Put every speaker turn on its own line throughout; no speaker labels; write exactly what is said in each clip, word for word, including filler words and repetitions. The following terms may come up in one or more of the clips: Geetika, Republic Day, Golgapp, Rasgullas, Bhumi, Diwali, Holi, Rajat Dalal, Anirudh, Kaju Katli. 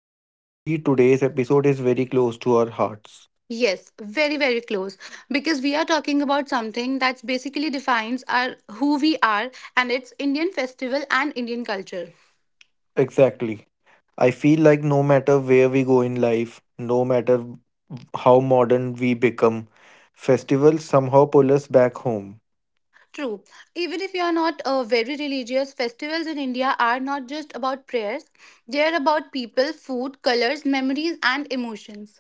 And honestly, today's episode is very close to our hearts.
Yes, very, very close because we are talking about something that's basically defines our who we are, and it's Indian festival and Indian culture.
Exactly. I feel like no matter where we go in life, no matter how modern we become, festivals somehow pull us back home.
True. Even if you are not uh, very religious, festivals in India are not just about prayers. They are about people, food, colors, memories, and emotions.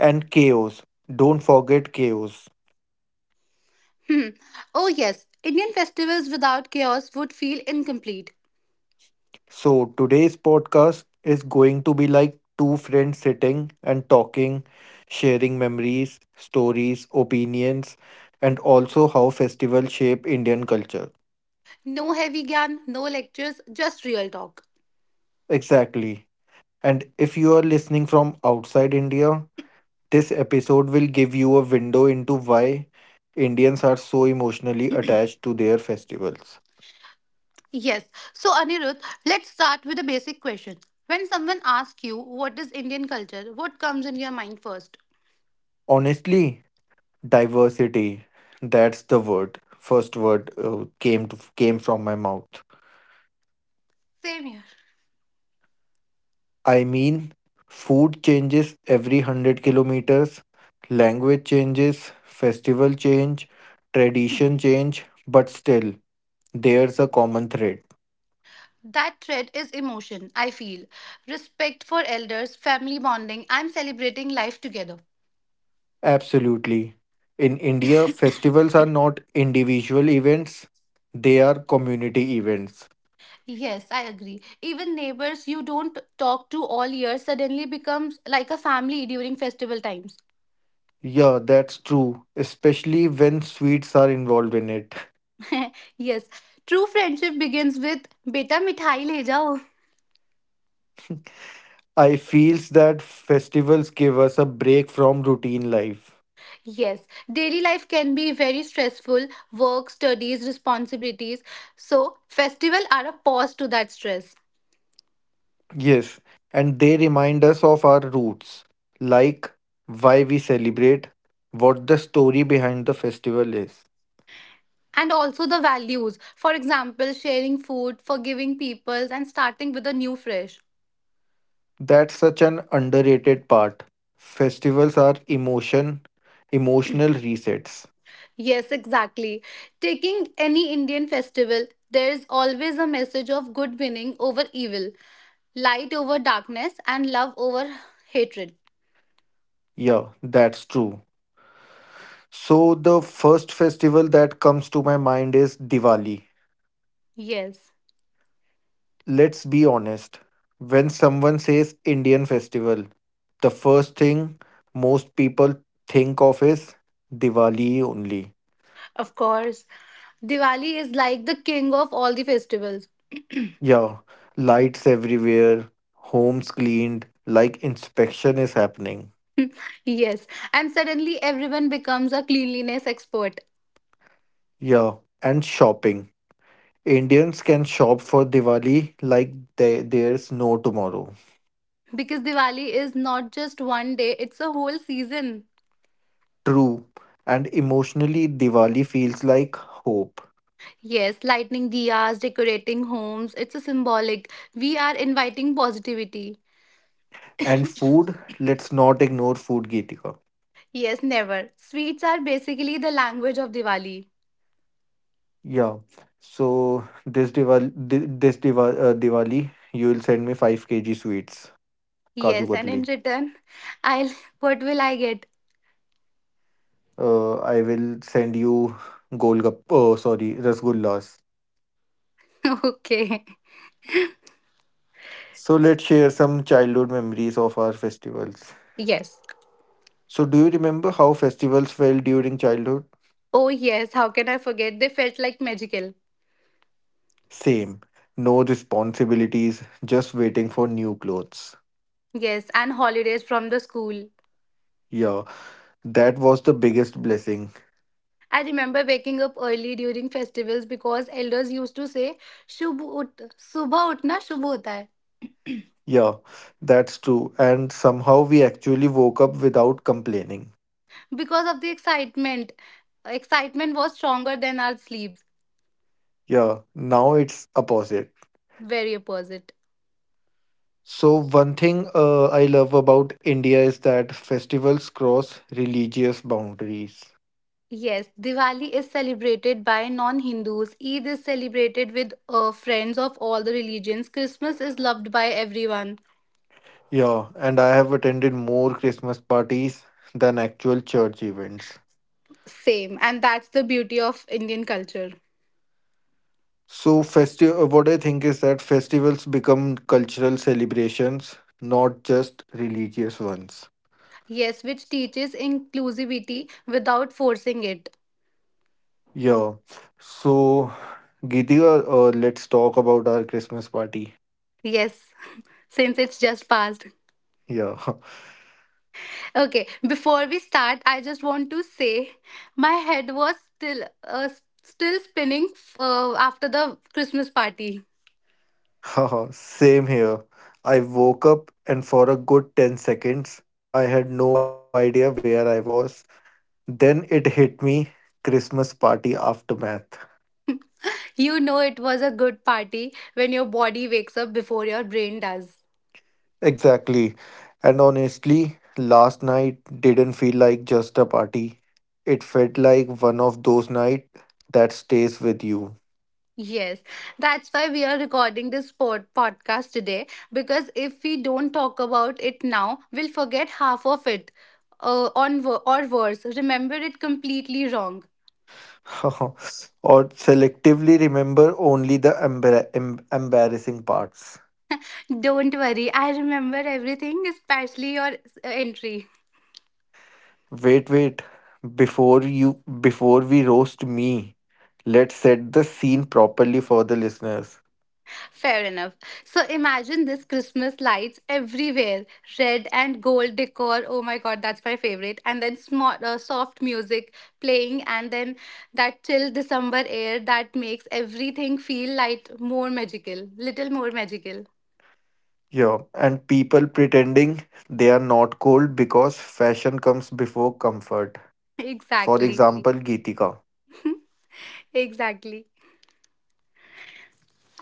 And chaos. Don't forget chaos.
Hmm. Oh, yes. Indian festivals without chaos would feel incomplete.
So, today's podcast is going to be like two friends sitting and talking, sharing memories, stories, opinions, and also how festivals shape Indian culture.
No heavy gan, no lectures, just real talk.
Exactly. And if you are listening from outside India, this episode will give you a window into why Indians are so emotionally attached to their festivals.
Yes. So, Anirudh, let's start with a basic question. When someone asks you, what is Indian culture, what comes in your mind first?
Honestly, diversity, that's the word. First word uh, came to, came from my mouth.
Same here.
I mean, food changes every one hundred kilometers, language changes, festival change, tradition change, but still there's a common thread.
That thread is emotion, I feel. Respect for elders, family bonding, and celebrating life together.
Absolutely. In India, festivals are not individual events, they are community events.
Yes, I agree. Even neighbors you don't talk to all year suddenly becomes like a family during festival times.
Yeah, that's true, especially when sweets are involved in it.
Yes, true friendship begins with beta mithai le jao.
I feels that festivals give us a break from routine life.
Yes, daily life can be very stressful work, studies, responsibilities. So, festival are a pause to that stress.
Yes, and they remind us of our roots, like why we celebrate, what the story behind the festival is.
And also the values. For example, sharing food, forgiving people, and starting with a new fresh.
That's such an underrated part. Festivals are emotion, emotional resets.
Yes, exactly. Taking any Indian festival, there is always a message of good winning over evil, light over darkness, and love over hatred.
Yeah, that's true. So the first festival that comes to my mind is Diwali.
Yes,
Let's be honest. When someone says Indian festival, the first thing most people think of is Diwali only.
of course. Diwali is like the king of all the festivals.
Yeah, lights everywhere, homes cleaned, like inspection is happening.
Yes, and suddenly everyone becomes a cleanliness expert
Yeah, and shopping. Indians can shop for Diwali like there, there's no tomorrow.
because Diwali is not just one day, it's a whole season.
True. And emotionally, Diwali feels like hope.
Yes, lighting diyas, decorating homes, it's a symbolic. We are inviting positivity.
And food, let's not ignore food, Geetika.
Yes, never. Sweets are basically the language of Diwali.
Yeah. So this Diwali, this Diwali, uh, Diwali, you will send me five kilograms sweets, Kaju
Yes, and in
Katli.
return, I'll what will I get?
Uh, I will send you Golgapp, oh, sorry, Rasgullas.
Okay.
So let's share some childhood memories of our festivals.
Yes.
So do you remember how festivals felt during childhood?
Oh yes, how can I forget? They felt like magical.
Same. No responsibilities, just waiting for new clothes.
Yes, and holidays from the school.
Yeah, that was the biggest blessing.
I remember waking up early during festivals because elders used to say "Shubh ut, subah utna shubh hota hai."
Yeah, that's true. And somehow we actually woke up without complaining.
Because of the excitement, excitement was stronger than our sleeps.
Yeah, now it's opposite.
Very opposite.
So one thing uh, I love about India is that festivals cross religious boundaries.
Yes, Diwali is celebrated by non-Hindus. Eid is celebrated with uh, friends of all the religions. Christmas is loved by everyone.
Yeah, and I have attended more Christmas parties than actual church events.
Same, and that's the beauty of Indian culture.
So, festi- uh, what I think is that festivals become cultural celebrations, not just religious ones.
Yes, which teaches inclusivity without forcing it.
Yeah. So, Gideon, uh, uh, let's talk about our Christmas party.
Yes, since it's just passed.
Yeah.
Okay, before we start, I just want to say my head was still uh, s- still spinning f- uh, after the Christmas party.
Haha, same here. I woke up and for a good ten seconds, I had no idea where I was. Then it hit me, Christmas party aftermath.
You know it was a good party when your body wakes up before your brain does.
Exactly. And honestly, last night didn't feel like just a party. It felt like one of those nights that stays with you.
Yes, that's why we are recording this pod- podcast today because if we don't talk about it now, we'll forget half of it uh, on wo- or worse, remember it completely wrong.
Or selectively remember only the embar- em- embarrassing parts.
Don't worry, I remember everything, especially your s- entry.
Wait, wait. Before you before we roast me, let's set the scene properly for the listeners.
Fair enough. So imagine this Christmas lights everywhere, red and gold decor. Oh my god, that's my favorite. And then small, uh, soft music playing, and then that chill December air that makes everything feel like more magical, little more magical.
Yeah, and people pretending they are not cold because fashion comes before comfort. For
Exactly,
example, Geetika,
exactly.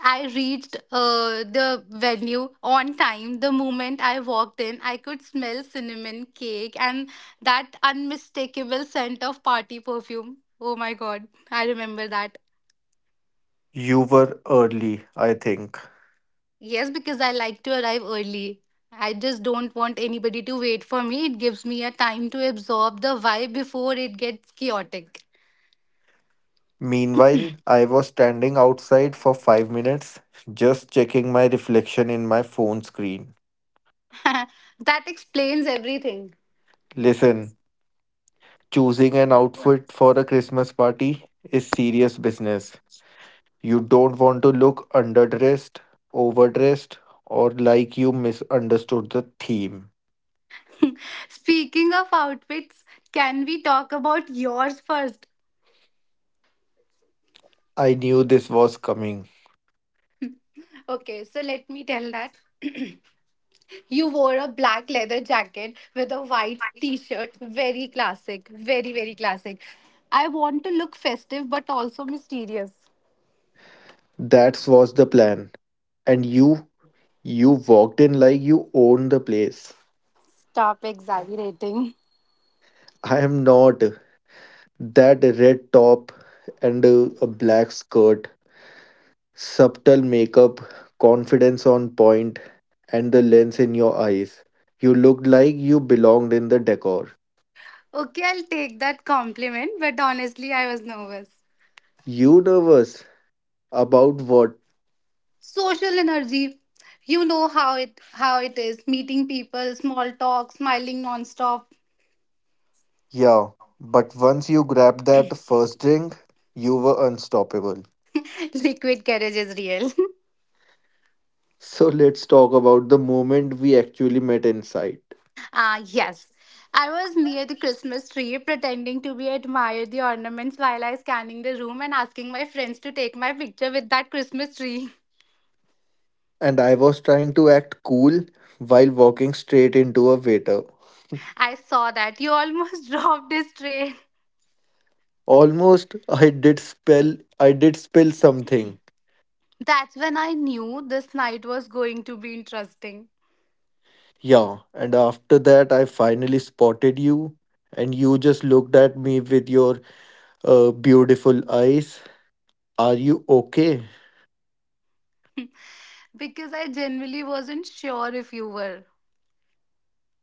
I reached uh, the venue on time. The moment I walked in, I could smell cinnamon cake and that unmistakable scent of party perfume. Oh my god, I remember that.
you were early, I think.
Yes, because I like to arrive early. I just don't want anybody to wait for me. It gives me a time to absorb the vibe before it gets chaotic.
Meanwhile, I was standing outside for five minutes just checking my reflection in my phone screen.
That explains everything.
Listen, choosing an outfit for a Christmas party is serious business. You don't want to look underdressed, overdressed, or like you misunderstood the theme.
Speaking of outfits, can we talk about yours first?
I knew this was coming.
Okay, so let me tell that. You wore a black leather jacket with a white t shirt. Very classic. Very, very classic. I want to look festive but also mysterious.
That was the plan. And you, you walked in like you own the place.
Stop exaggerating.
I am not. That red top and uh, a black skirt, subtle makeup, confidence on point, and the lens in your eyes. You looked like you belonged in the decor.
Okay, I'll take that compliment, but honestly, I was nervous.
You nervous about what?
Social energy. You know how it how it is. Meeting people, small talk, smiling nonstop.
Yeah, but once you grabbed that first drink, you were unstoppable.
Liquid courage is real.
So let's talk about the moment we actually met inside.
Ah, yes. I was near the Christmas tree pretending to be admire the ornaments while I scanning the room and asking my friends to take my picture with that Christmas tree.
And I was trying to act cool while walking straight into a waiter.
I saw that. You almost dropped this tray.
Almost I did spell I did spill something.
That's when I knew this night was going to be interesting.
Yeah, and after that I finally spotted you and you just looked at me with your uh, beautiful eyes. Are you okay?
Because I genuinely wasn't sure if you were.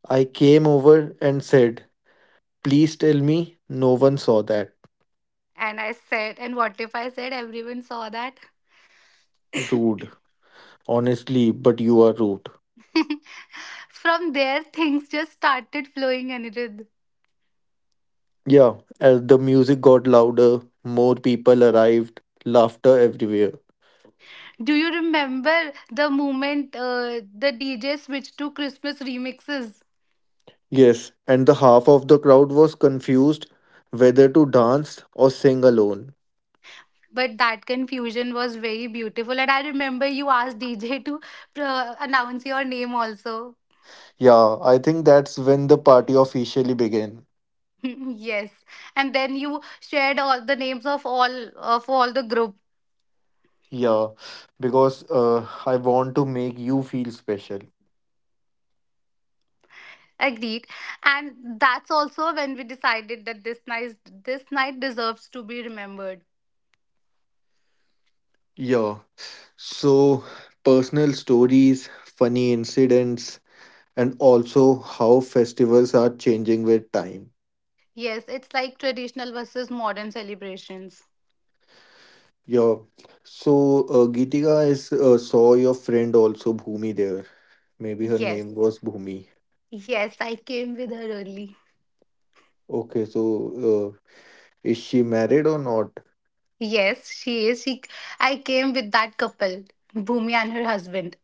I came over and said, "Please tell me no one saw that."
And I said, and what if I said everyone saw that?
Rude. Honestly, but you are rude.
From there, things just started flowing, Anirudh.
Yeah, as the music got louder, more people arrived, laughter everywhere.
Do you remember the moment uh, the D J switched to Christmas remixes?
Yes, and the half of the crowd was confused whether to dance or sing alone.
But that confusion was very beautiful. And I remember you asked D J to uh, announce your name also.
Yeah, I think that's when the party officially began.
Yes. And then you shared all the names of all of all the group.
Yeah, because uh, I want to make you feel special.
Agreed. And that's also when we decided that this night this night deserves to be remembered.
Yeah, so personal stories, funny incidents, and also how festivals are changing with time.
Yes, it's like traditional versus modern celebrations.
Yeah, so uh, Geetika is uh, saw your friend also Bhumi there. Maybe her
Yes.
name was Bhumi.
Yes, I came with her early.
Okay, so uh, is she married or not?
Yes, she is. She, I came with that couple, Bhumi and her husband.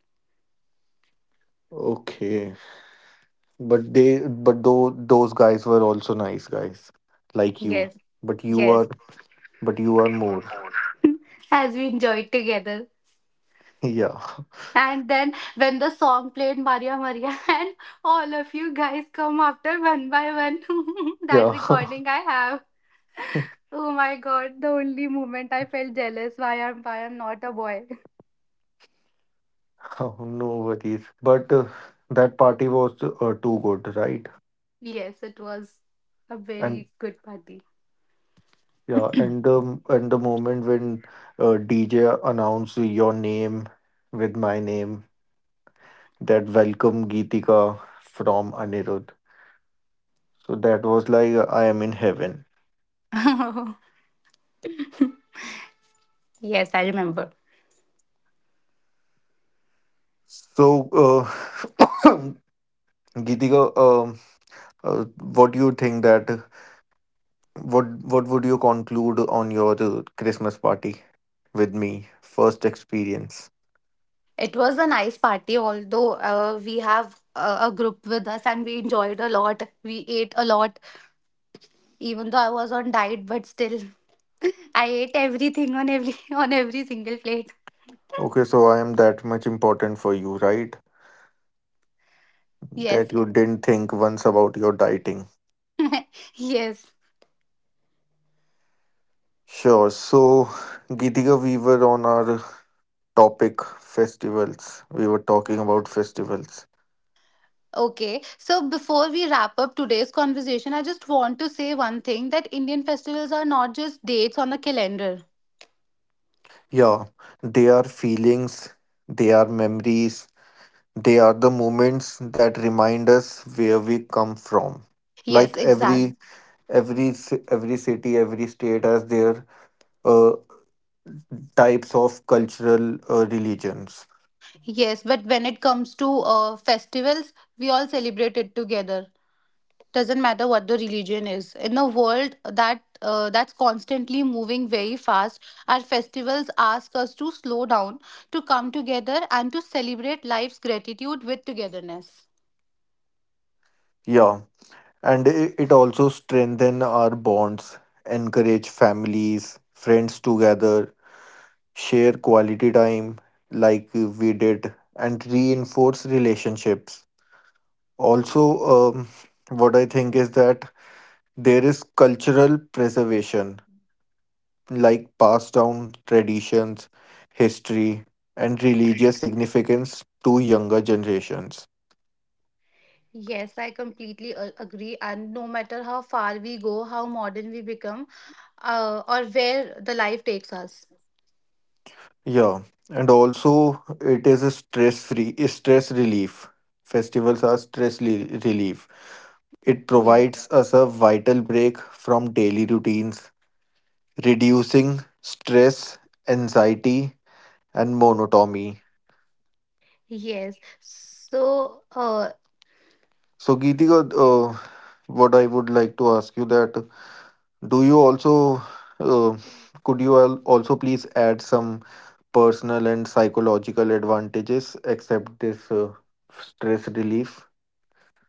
Okay. But they, but though those guys were also nice guys like you.
Yes,
But you are,
yes,
but you are more.
as we enjoyed together.
Yeah.
And then when the song played, Maria Maria, and all of you guys come after one by one. That
Yeah.
recording I have. Oh my God, the only moment I felt jealous why I'm why I'm not a boy.
Oh, no worries. But uh, that party was uh, too good, right?
Yes, it was a
And
very good party.
yeah, and the, and the moment when uh, D J announced your name with my name, that welcome Geetika from Anirudh. So that was like I am in heaven.
Yes, I remember.
So, uh, Geetika, um, uh, what do you think that what what would you conclude on your uh, Christmas party with me? First experience.
It was a nice party, although uh, we have a, a group with us and we enjoyed a lot. We ate a lot, even though I was on diet, but still, I ate everything on every on every single plate.
Okay, so I am that much important for you, right? That
Yes,
you didn't think once about your dieting.
yes.
Sure. So, Geetika, we were on our topic festivals. We were talking about festivals.
Okay, so before we wrap up today's conversation, I just want to say one thing that Indian festivals are not just dates on a calendar.
Yeah, they are feelings, they are memories, they are the moments that remind us where we come from.
Yes,
Like every
exact.
every ci- every city, every state has their uh, types of cultural uh, religions.
Yes, but when it comes to uh, festivals, we all celebrate it together. Doesn't matter what the religion is in a world that uh, that's constantly moving very fast our festivals ask us to slow down to come together and to celebrate life's gratitude with togetherness.
Yeah, and it, it also strengthen our bonds, encourage families, friends together, share quality time like we did, and reinforce relationships. Also, um, what I think is that there is cultural preservation like passed down traditions, history, and religious significance to younger generations.
Yes, I completely a- agree. And no matter how far we go, how modern we become, uh, or where the life takes us.
Yeah, and also it is a stress-free stress relief. Festivals are stress li- relief. It
Yes.
provides us a vital break from daily routines, reducing stress, anxiety, and monotony.
Yes. So, uh,
So, Geetika, uh, what I would like to ask you that do you also, uh, could you al- also please add some personal and psychological advantages except this uh, stress relief?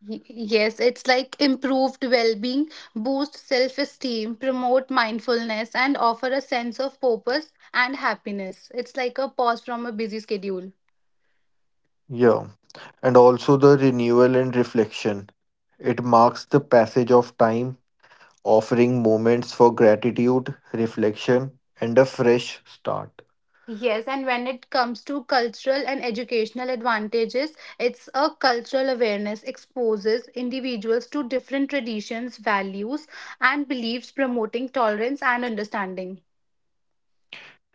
Y- Yes, it's like improved well being, boost self esteem, promote mindfulness, and offer a sense of purpose and happiness. It's like a pause from a busy schedule.
Yeah. And also the renewal and reflection. It marks the passage of time, offering moments for gratitude, reflection, and a fresh start.
Yes, and when it comes to cultural and educational advantages, it's a cultural awareness exposes individuals to different traditions, values, and beliefs, promoting tolerance and understanding.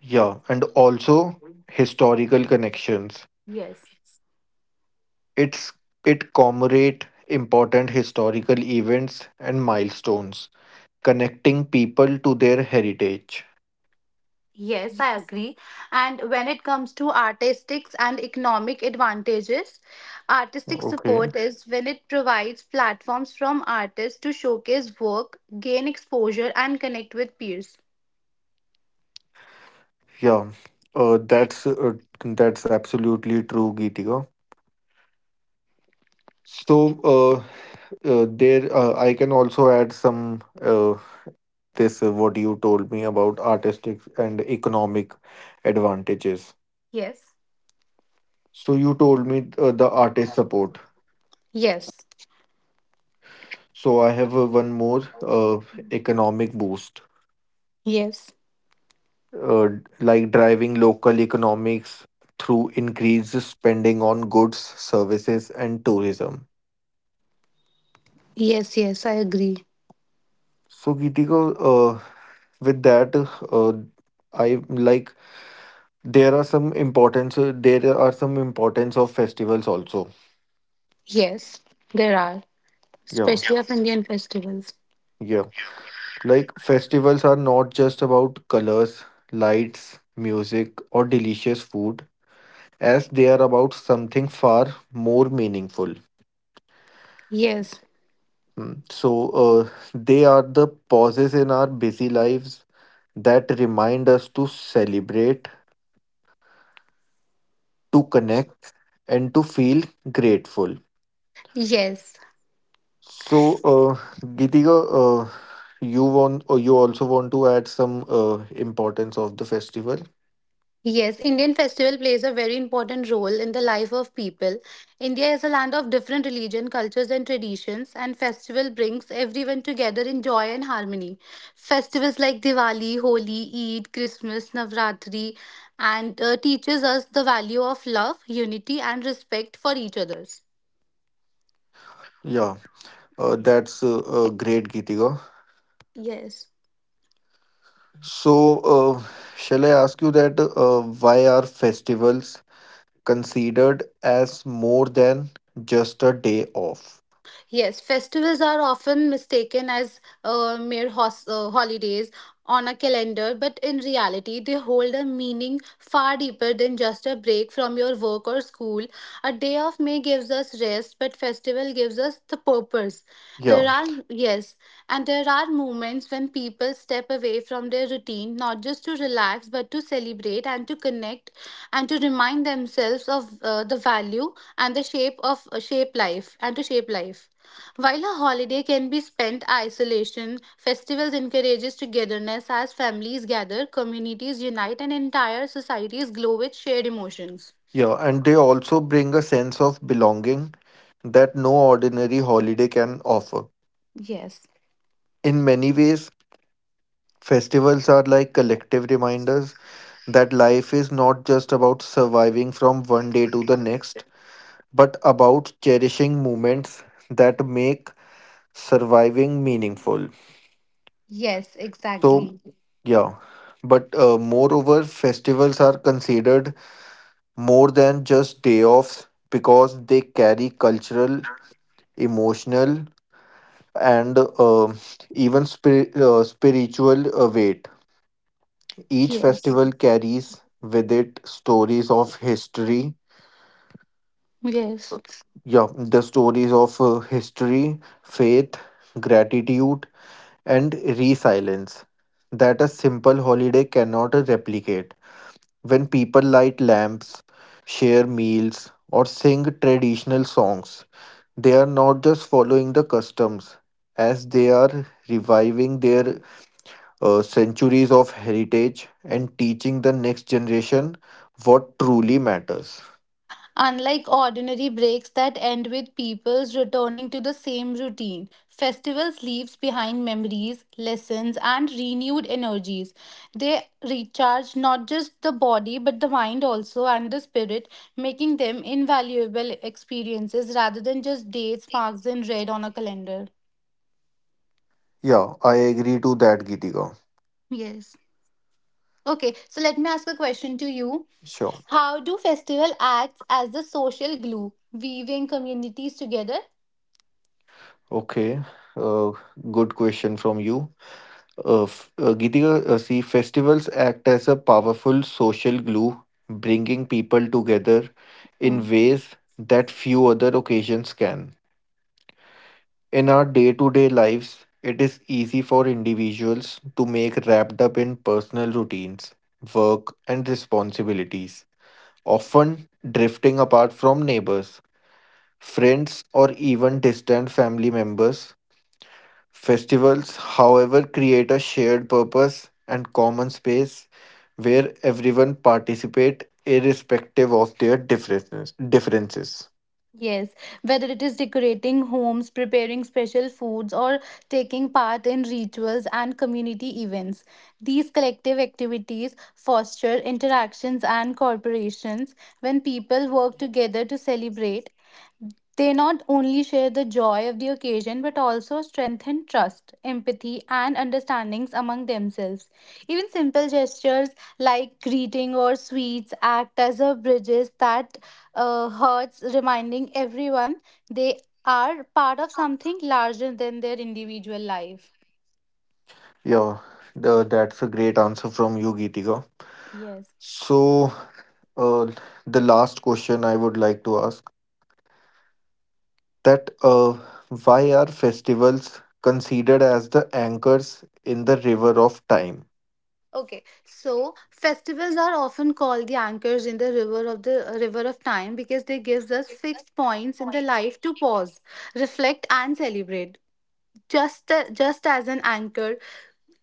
Yeah, and also historical connections.
Yes.
It's, it commemorate important historical events and milestones connecting people to their heritage.
Yes, I agree. And when it comes to artistic and economic advantages, artistic
Okay.
support is when it provides platforms from artists to showcase work, gain exposure, and connect with peers.
Yeah. Uh, that's uh, that's absolutely true, Geetika. So uh, uh, there, uh, I can also add some uh, this uh, what you told me about artistic and economic advantages.
Yes.
So you told me uh, the artist support.
Yes,
So I have uh, one more uh, economic boost.
yes,
uh, like driving local economics through increased spending on goods, services, and tourism.
yes, yes, I agree.
So, Geetiko, uh, with that, uh, I like there are some importance. uh, There are some importance of festivals also.
Yes, there are,
Yeah,
especially of Indian festivals.
yeah. Like festivals are not just about colors, lights, music, or delicious food, as they are about something far more meaningful.
Yes,
Mm. So, uh, they are the pauses in our busy lives that remind us to celebrate, to connect, and to feel grateful.
yes.
So, uh, Gitika, uh, you want, or you also want to add some uh, importance of the festival?
Yes, Indian festival plays a very important role in the life of people. India is a land of different religion, cultures and traditions and festival brings everyone together in joy and harmony. Festivals like Diwali, Holi, Eid, Christmas, Navratri and uh, teaches us the value of love, unity and respect for each others.
Yeah, uh, that's uh, uh, great, Gitika.
Yes.
So, uh, shall I ask you that uh, why are festivals considered as more than just a day off?
Yes, festivals are often mistaken as uh, mere hos- uh, holidays on a calendar, but in reality, they hold a meaning far deeper than just a break from your work or school. A day off may gives us rest, but festival gives us the purpose.
Yeah.
There are yes, and there are moments when people step away from their routine not just to relax, but to celebrate and to connect, and to remind themselves of uh, the value and the shape of uh, shape life and to shape life. While a holiday can be spent isolation, festivals encourages togetherness as families gather, communities unite, and entire societies glow with shared emotions.
Yeah, and they also bring a sense of belonging that no ordinary holiday can offer.
Yes.
In many ways, festivals are like collective reminders that life is not just about surviving from one day to the next, but about cherishing moments that make surviving meaningful.
Yes,
So,
exactly.
yeah. But uh, moreover, festivals are considered more than just day offs because they carry cultural, emotional, and um even spir- uh, spiritual uh, weight. Each
Yes.
festival carries with it stories of history,
Yes.
yeah, the stories of uh, history, faith, gratitude, and resilience that a simple holiday cannot replicate. When people light lamps, share meals, or sing traditional songs, they are not just following the customs, as they are reviving their uh, centuries of heritage and teaching the next generation what truly matters.
Unlike ordinary breaks that end with people's returning to the same routine, festivals leaves behind memories, lessons and renewed energies. They recharge not just the body but the mind also and the spirit, making them invaluable experiences rather than just dates marked in red on a calendar.
Yeah, I agree to that, Gitika.
Yes. Okay, so let me ask a question to you.
Sure.
How do festival acts as the social glue, weaving communities together?
Okay. Uh, good question from you. Uh, f- uh, Gitika, uh, see, festivals act as a powerful social glue, bringing people together in ways that few other occasions can. In our day to day lives, it is easy for individuals to make wrapped up in personal routines, work, and responsibilities, often drifting apart from neighbors, friends, or even distant family members. Festivals, however, create a shared purpose and common space where everyone participate irrespective of their differences. differences.
Yes, whether it is decorating homes, preparing special foods, or taking part in rituals and community events, these collective activities foster interactions and corporations. When people work together to celebrate, they not only share the joy of the occasion but also strengthen trust, empathy, and understandings among themselves. Even simple gestures like greeting or sweets act as a bridges that uh, hurts reminding everyone they are part of something larger than their individual life.
Yeah, the, that's a great answer from you, Geetika.
Yes.
So, uh, the last question I would like to ask that uh, why are festivals considered as the anchors in the river of time?
Okay, so festivals are often called the anchors in the river of the uh, river of time because they gives us fixed points in the life to pause, reflect, and celebrate. Just, uh, just as an anchor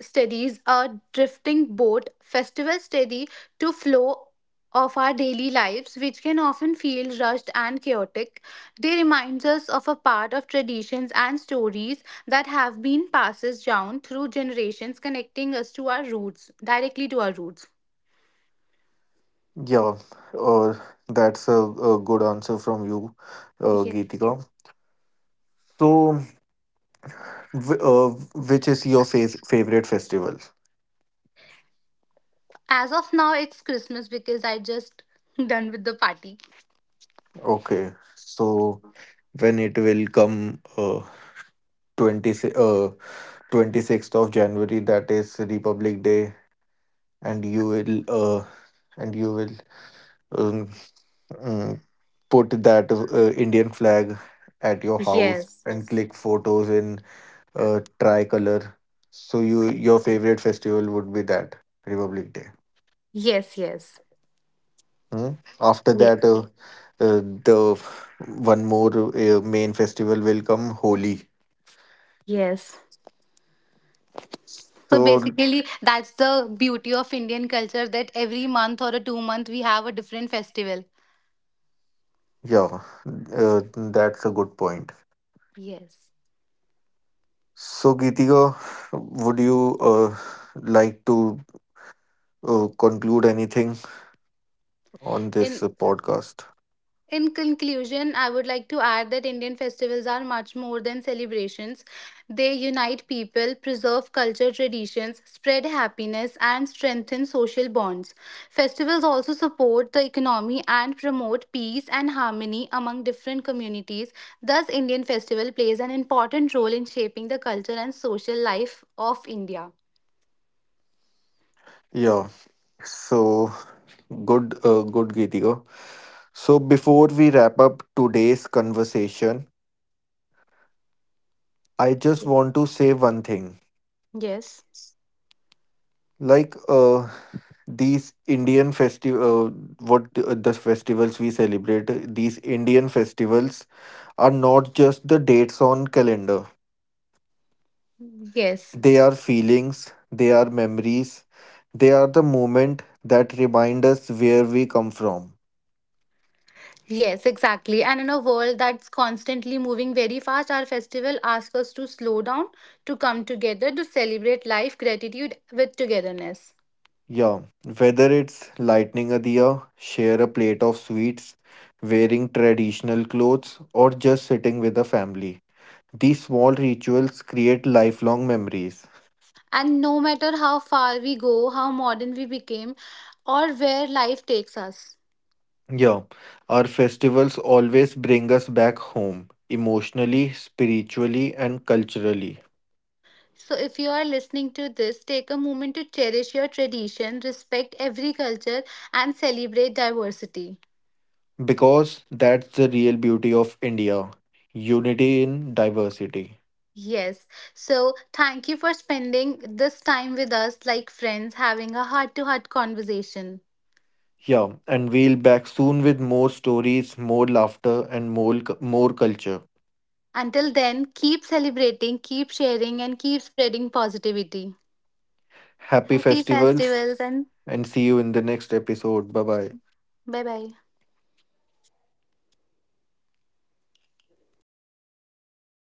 steadies a drifting boat, festivals steady to flow of our daily lives, which can often feel rushed and chaotic. They remind us of a part of traditions and stories that have been passed down through generations, connecting us to our roots, directly to our roots.
Yeah, uh, that's a, a good answer from you, uh,
Yeah.
Geetika. So, w- uh, which is your fa- favorite festival?
As of now, it's Christmas because I just done with the party.
Okay, so when it will come uh, 20, si, uh, twenty-sixth of January, that is Republic Day, and you will, uh, and you will um, uh, put that uh, Indian flag at your house
Yes.
and click photos in uh, tricolor. So you, your favorite festival would be that Republic Day.
Yes, yes.
Hmm? After that, uh, uh, the one more uh, main festival will come Holi.
Yes. So
So
basically, that's the beauty of Indian culture that every month or a two month we have a different festival.
yeah, uh, that's a good point.
Yes.
So Geetika, would you uh, like to uh, conclude anything on this
In
uh, podcast?
In conclusion, I would like to add that Indian festivals are much more than celebrations. They unite people, preserve culture traditions, spread happiness, and strengthen social bonds. Festivals also support the economy and promote peace and harmony among different communities. Thus, Indian festival plays an important role in shaping the culture and social life of India.
Yeah. So good, uh, good, Gideon. So before we wrap up today's conversation, I just
Yes.
want to say one thing.
Yes.
Like uh, these Indian festival, uh, what the, uh, the festivals we celebrate, uh, these Indian festivals are not just the dates on calendar.
Yes.
They are feelings. They are memories. They are the moment that remind us where we come from.
Yes, exactly. And in a world that's constantly moving very fast, our festival asks us to slow down, to come together, to celebrate life, gratitude with togetherness.
Yeah, whether it's lighting a diya, share a plate of sweets, wearing traditional clothes, or just sitting with the family. These small rituals create lifelong memories.
And no matter how far we go, how modern we became, or where life takes us.
Yeah, our festivals always bring us back home, emotionally, spiritually, and culturally.
So, if you are listening to this, take a moment to cherish your tradition, respect every culture, and celebrate diversity.
Because that's the real beauty of India, unity in diversity.
Yes. So, thank you for spending this time with us like friends, having a heart to heart conversation.
Yeah, and we'll back soon with more stories, more laughter, and more, cu- more culture.
Until then, keep celebrating, keep sharing, and keep spreading positivity.
Happy
Happy
festivals
festivals and
and see you in the next episode. Bye bye.
bye bye.